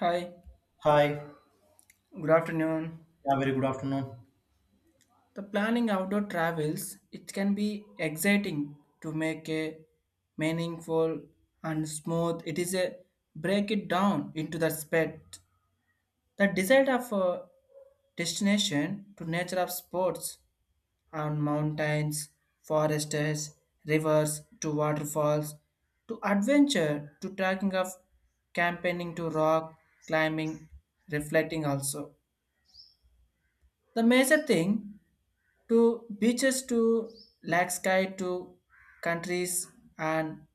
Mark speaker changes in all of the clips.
Speaker 1: Hi,
Speaker 2: Hi.
Speaker 1: good afternoon.
Speaker 2: Yeah, very good afternoon.
Speaker 1: The planning outdoor travels, it can be exciting to make a meaningful and smooth. It is a break it down into the spec. The desire of a destination to nature of sports on mountains, forests, rivers to waterfalls, to adventure to tracking of campaigning to rock climbing reflecting also the major thing to beaches to lake sky to countries and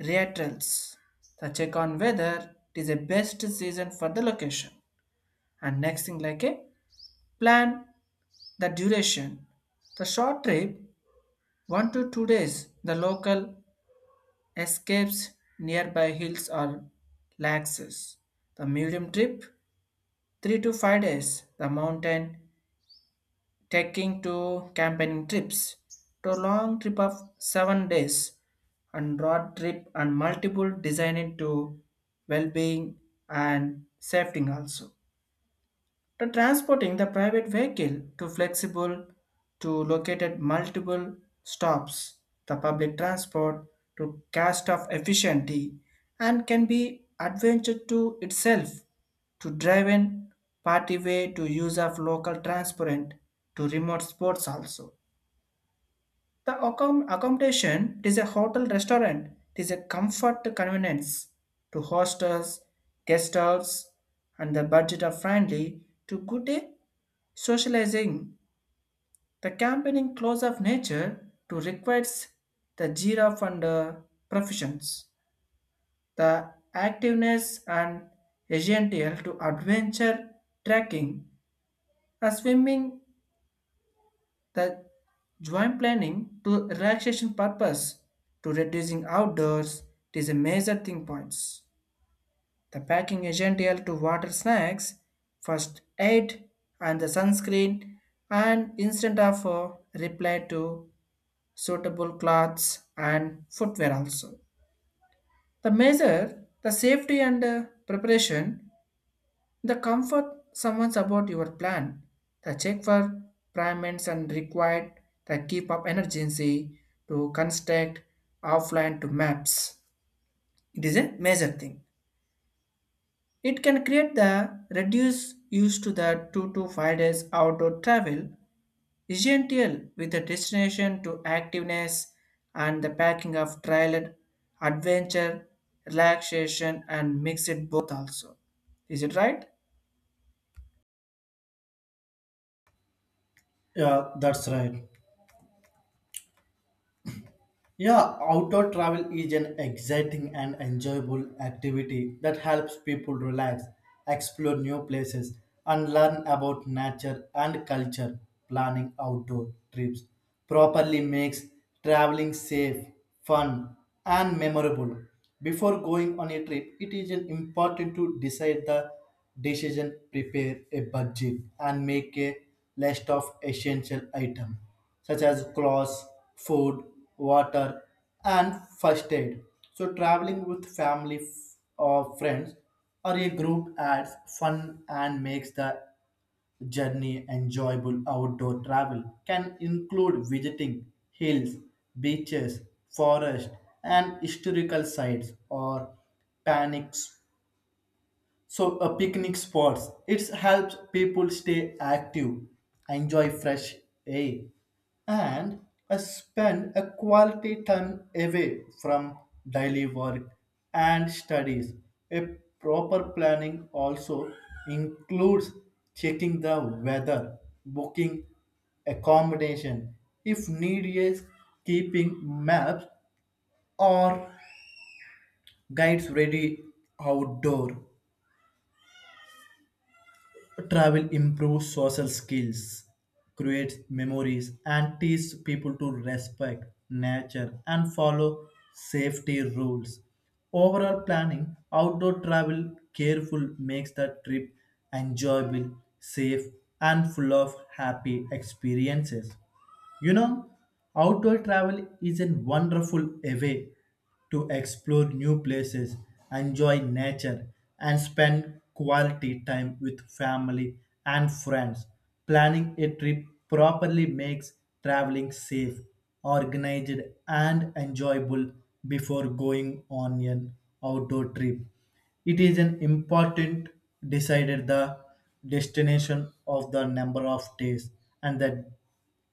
Speaker 1: reatals. The check on whether it is a best season for the location. And next thing like a plan the duration. The short trip 1 to 2 days. The local escapes nearby hills or lakes. The medium trip 3 to 5 days. The mountain taking to campaigning trips to long trip of 7 days and road trip and multiple designing to well-being and safety also to transporting the private vehicle to flexible to located multiple stops the public transport to cast of efficiency and can be adventure to itself to drive in party way to use of local transport to remote sports also the accommodation is a hotel restaurant. It is a comfort convenience to hostels, guest house, and the budget are friendly to good day socializing. The campaigning close of nature to requires the giraffe and professions. The activeness and essential to adventure trekking, swimming the joint planning to relaxation purpose to reducing outdoors it is a major thing points. The packing essential to water snacks, first aid and the sunscreen and instant of reply to suitable clothes and footwear also. The measure, the safety and preparation the comfort someone's about your plan, the check for payments and required, the keep up emergency to construct offline to maps. It is a major thing. It can create the reduce use to the 2 to 5 days outdoor travel, essential with the destination to activeness and the packing of trailer, adventure, relaxation and mix it both also. Is it right?
Speaker 2: Yeah, that's right. Yeah, outdoor travel is an exciting and enjoyable activity that helps people relax, explore new places, and learn about nature and culture. Planning outdoor trips properly makes traveling safe, fun, and memorable. Before going on a trip, it is an important to decide the decision, prepare a budget, and make a list of essential items such as clothes, food, water, and first aid. So, traveling with family or friends or a group adds fun and makes the journey enjoyable. Outdoor travel can include visiting hills, beaches, forests, and historical sites or panics so a picnic spots. It helps people stay active, enjoy fresh air, and spend a quality time away from daily work and studies. A proper planning also includes checking the weather, booking accommodation if need is keeping maps or guides ready outdoor. Travel improves social skills, creates memories, and teaches people to respect nature and follow safety rules. Overall planning, outdoor travel careful makes the trip enjoyable, safe, and full of happy experiences. You know, outdoor travel is a wonderful way to explore new places, enjoy nature, and spend quality time with family and friends. Planning a trip properly makes traveling safe, organized, and enjoyable before going on an outdoor trip. It is an important decided the destination of the number of days and the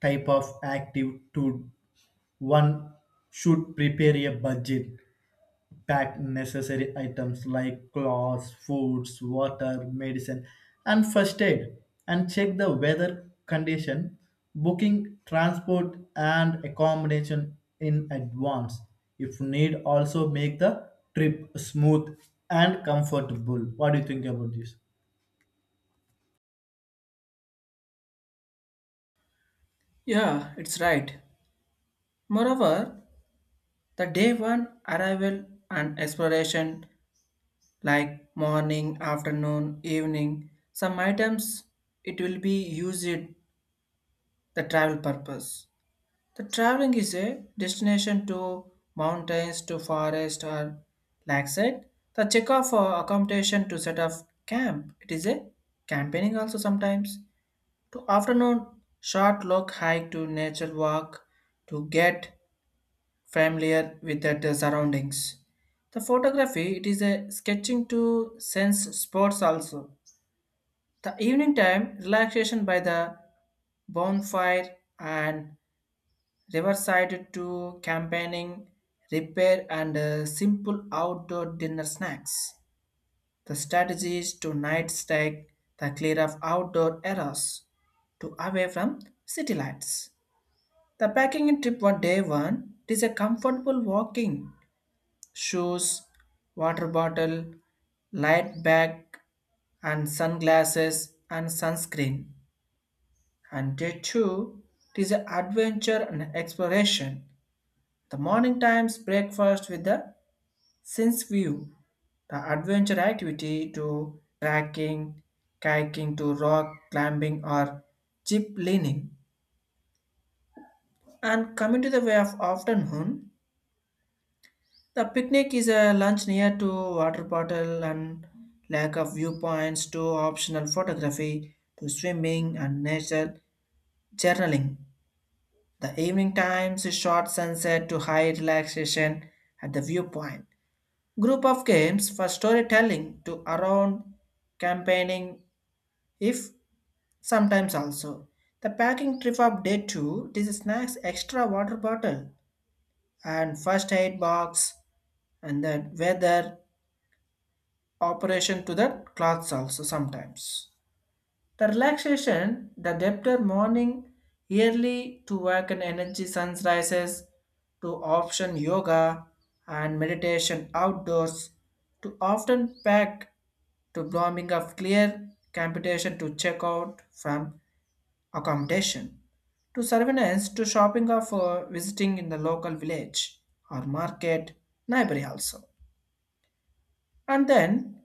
Speaker 2: type of active to one should prepare a budget, pack necessary items like clothes, foods, water, medicine, and first aid, and check the weather condition, booking transport and accommodation in advance if need, also make the trip smooth and comfortable. What do you think about this?
Speaker 1: Yeah, it's right. Moreover, the day one arrival and exploration, like morning, afternoon, evening, some items it will be used the travel purpose. The traveling is a destination to mountains, to forest or like said, the check off for accommodation to set up camp. It is a campaigning also sometimes. To afternoon short look hike to nature walk to get familiar with that surroundings. The photography, it is a sketching to sense sports also. The evening time relaxation by the bonfire and riverside to campaigning, repair and simple outdoor dinner snacks. The strategies to night strike, the clear of outdoor errors to away from city lights. The packing in trip one day one, it is a comfortable walking shoes, water bottle, light bag, and sunglasses and sunscreen. And day two, it is adventure and exploration. The morning times breakfast with the sense view. The adventure activity to trekking, kayaking to rock climbing or jeep leaning. And coming to the way of afternoon, the picnic is a lunch near to water bottle and lack of viewpoints to optional photography to swimming and nature journaling. The evening times is short sunset to high relaxation at the viewpoint. Group of games for storytelling to around campaigning if sometimes also. The packing trip of day two this is snacks extra water bottle and first aid box and the weather operation to the clothes also sometimes. The relaxation, the debtor morning early to work and energy suns rises to option yoga and meditation outdoors to often pack to blooming of clear computation to check out from accommodation to surveillance to shopping of visiting in the local village or market neighboring also and then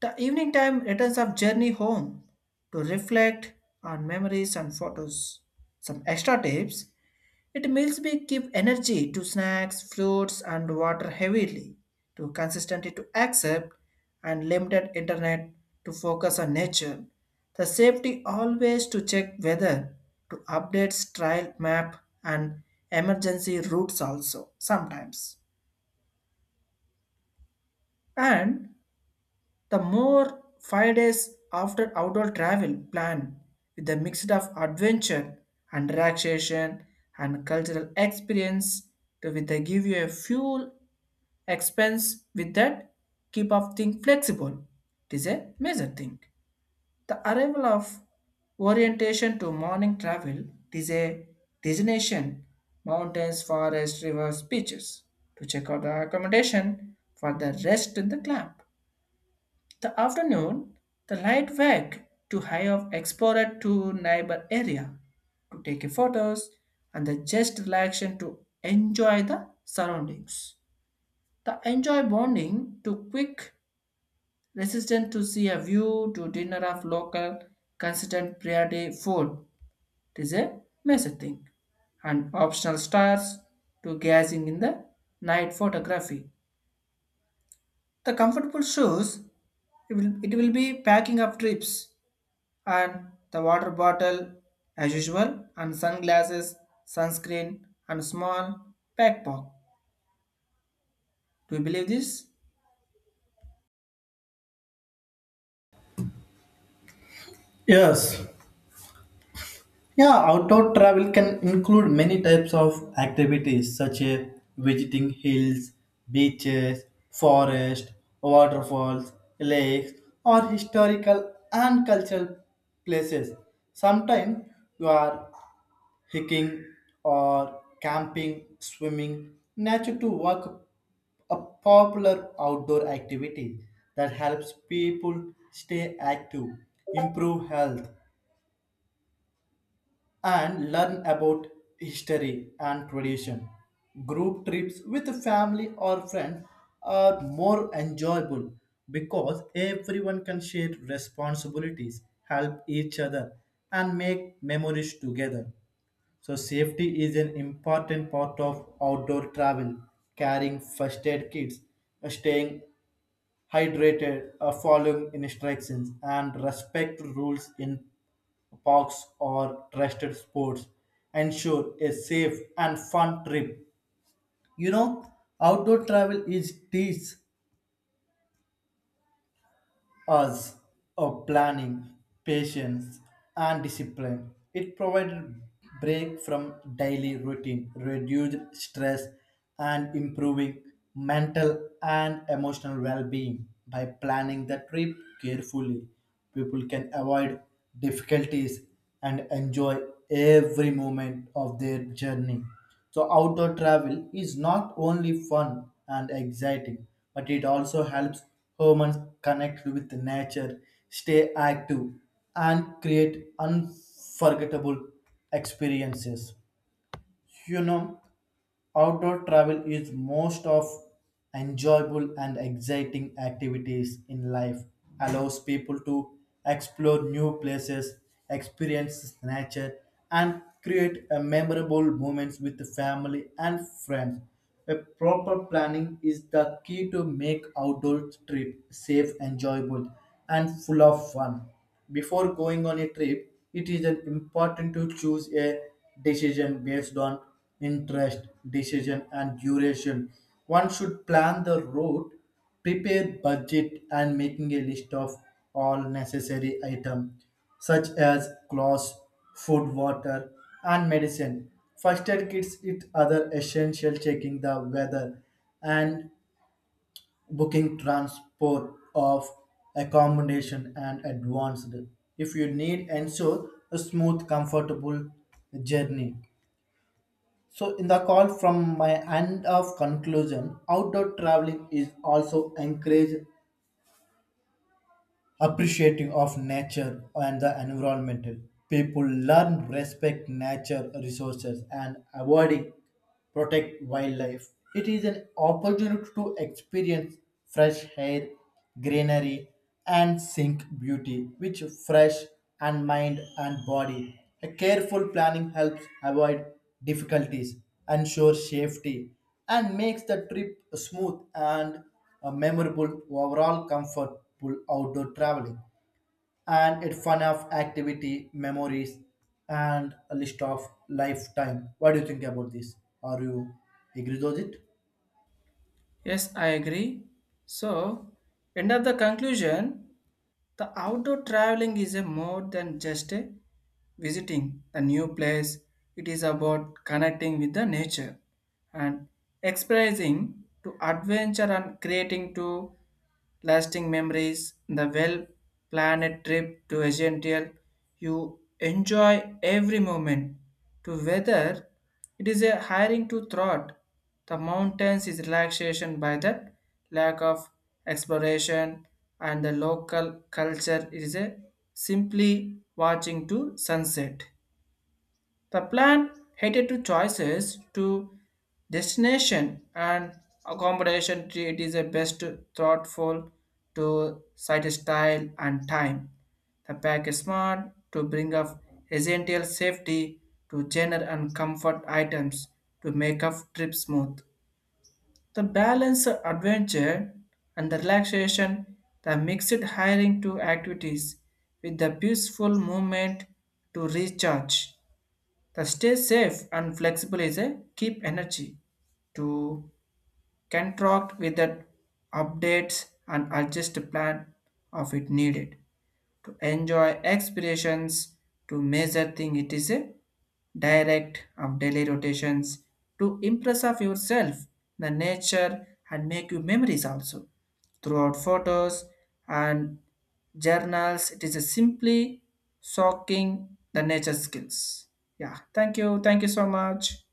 Speaker 1: the evening time returns of journey home to reflect on memories and photos. Some extra tips. It meals be give energy to snacks, fruits and water heavily to consistently to accept and limited internet to focus on nature. The safety always to check weather to updates trial map and emergency routes also sometimes. And the more 5 days after outdoor travel plan with a mix of adventure and relaxation and cultural experience to with the give you a fuel expense with that keep of thing flexible. It is a major thing. The arrival of orientation to morning travel it is a destination mountains, forests, rivers, beaches to check out the accommodation for the rest in the camp the afternoon, the light wag to high of explorer to neighbor area to take photos and the just relaxation to enjoy the surroundings. The enjoy bonding to quick resistant to see a view to dinner of local consistent priority food. It is a major thing. And optional stars to gazing in the night photography. The comfortable shoes it will be packing up trips and the water bottle as usual and sunglasses sunscreen and small backpack. Do you believe this?
Speaker 2: Yes. Yeah, outdoor travel can include many types of activities such as visiting hills, beaches, forest, waterfalls, lakes, or historical and cultural places. Sometimes you are hiking or camping, swimming, nature to work a popular outdoor activity that helps people stay active, improve health, and learn about history and tradition. Group trips with family or friends are more enjoyable because everyone can share responsibilities, help each other, and make memories together. So, safety is an important part of outdoor travel, carrying first aid kits, staying hydrated, following instructions, and respect rules in parks, or trusted sports ensure a safe and fun trip. You know, outdoor travel is teach us of planning, patience, and discipline. It provided break from daily routine, reduced stress, and improving mental and emotional well-being. By planning the trip carefully, people can avoid difficulties and enjoy every moment of their journey. So outdoor travel is not only fun and exciting, but it also helps humans connect with nature, stay active, and create unforgettable experiences. You know, outdoor travel is most of enjoyable and exciting activities in life, allows people to explore new places, experience nature, and create a memorable moments with the family and friends. A proper planning is the key to make outdoor trip safe, enjoyable, and full of fun. Before going on a trip, it is an important to choose a decision based on interest, decision, and duration. One should plan the route, prepare budget, and making a list of all necessary items such as clothes, food, water, and medicine. First aid kits, it other essential checking the weather and booking transport of accommodation and advanced. If you need, ensure a smooth, comfortable journey. So, in the call from my end of conclusion, outdoor traveling is also encouraged appreciative of nature and the environmental. People learn respect nature resources and avoiding protect wildlife. It is an opportunity to experience fresh air, greenery, and sink beauty, which fresh and mind and body. A careful planning helps avoid difficulties, ensure safety, and makes the trip smooth and memorable overall comfortable outdoor traveling, and it fun of activity memories and a list of lifetime. What do you think about this? Are you agree with it?
Speaker 1: Yes, I agree. So end of the conclusion, the outdoor traveling is a more than just a visiting a new place. It is about connecting with the nature and experiencing to adventure and creating to lasting memories. The well planned trip to a gentle you enjoy every moment to whether it is a hiring to thought the mountains is relaxation by that lack of exploration and the local culture is a simply watching to sunset. The plan headed to choices to destination and accommodation tree it is a best thoughtful to site style and time. The pack is smart to bring up essential safety to general and comfort items to make up trip smooth. The balance of adventure and the relaxation, the mixed hiring to activities with the peaceful movement to recharge. The stay safe and flexible is a keep energy to contract with the updates and adjust the plan of it needed to enjoy expirations to measure thing it is a direct of daily rotations to impress of yourself, the nature and make you memories also. Throughout photos and journals, it is a simply soaking the nature skills. Yeah, thank you. Thank you so much.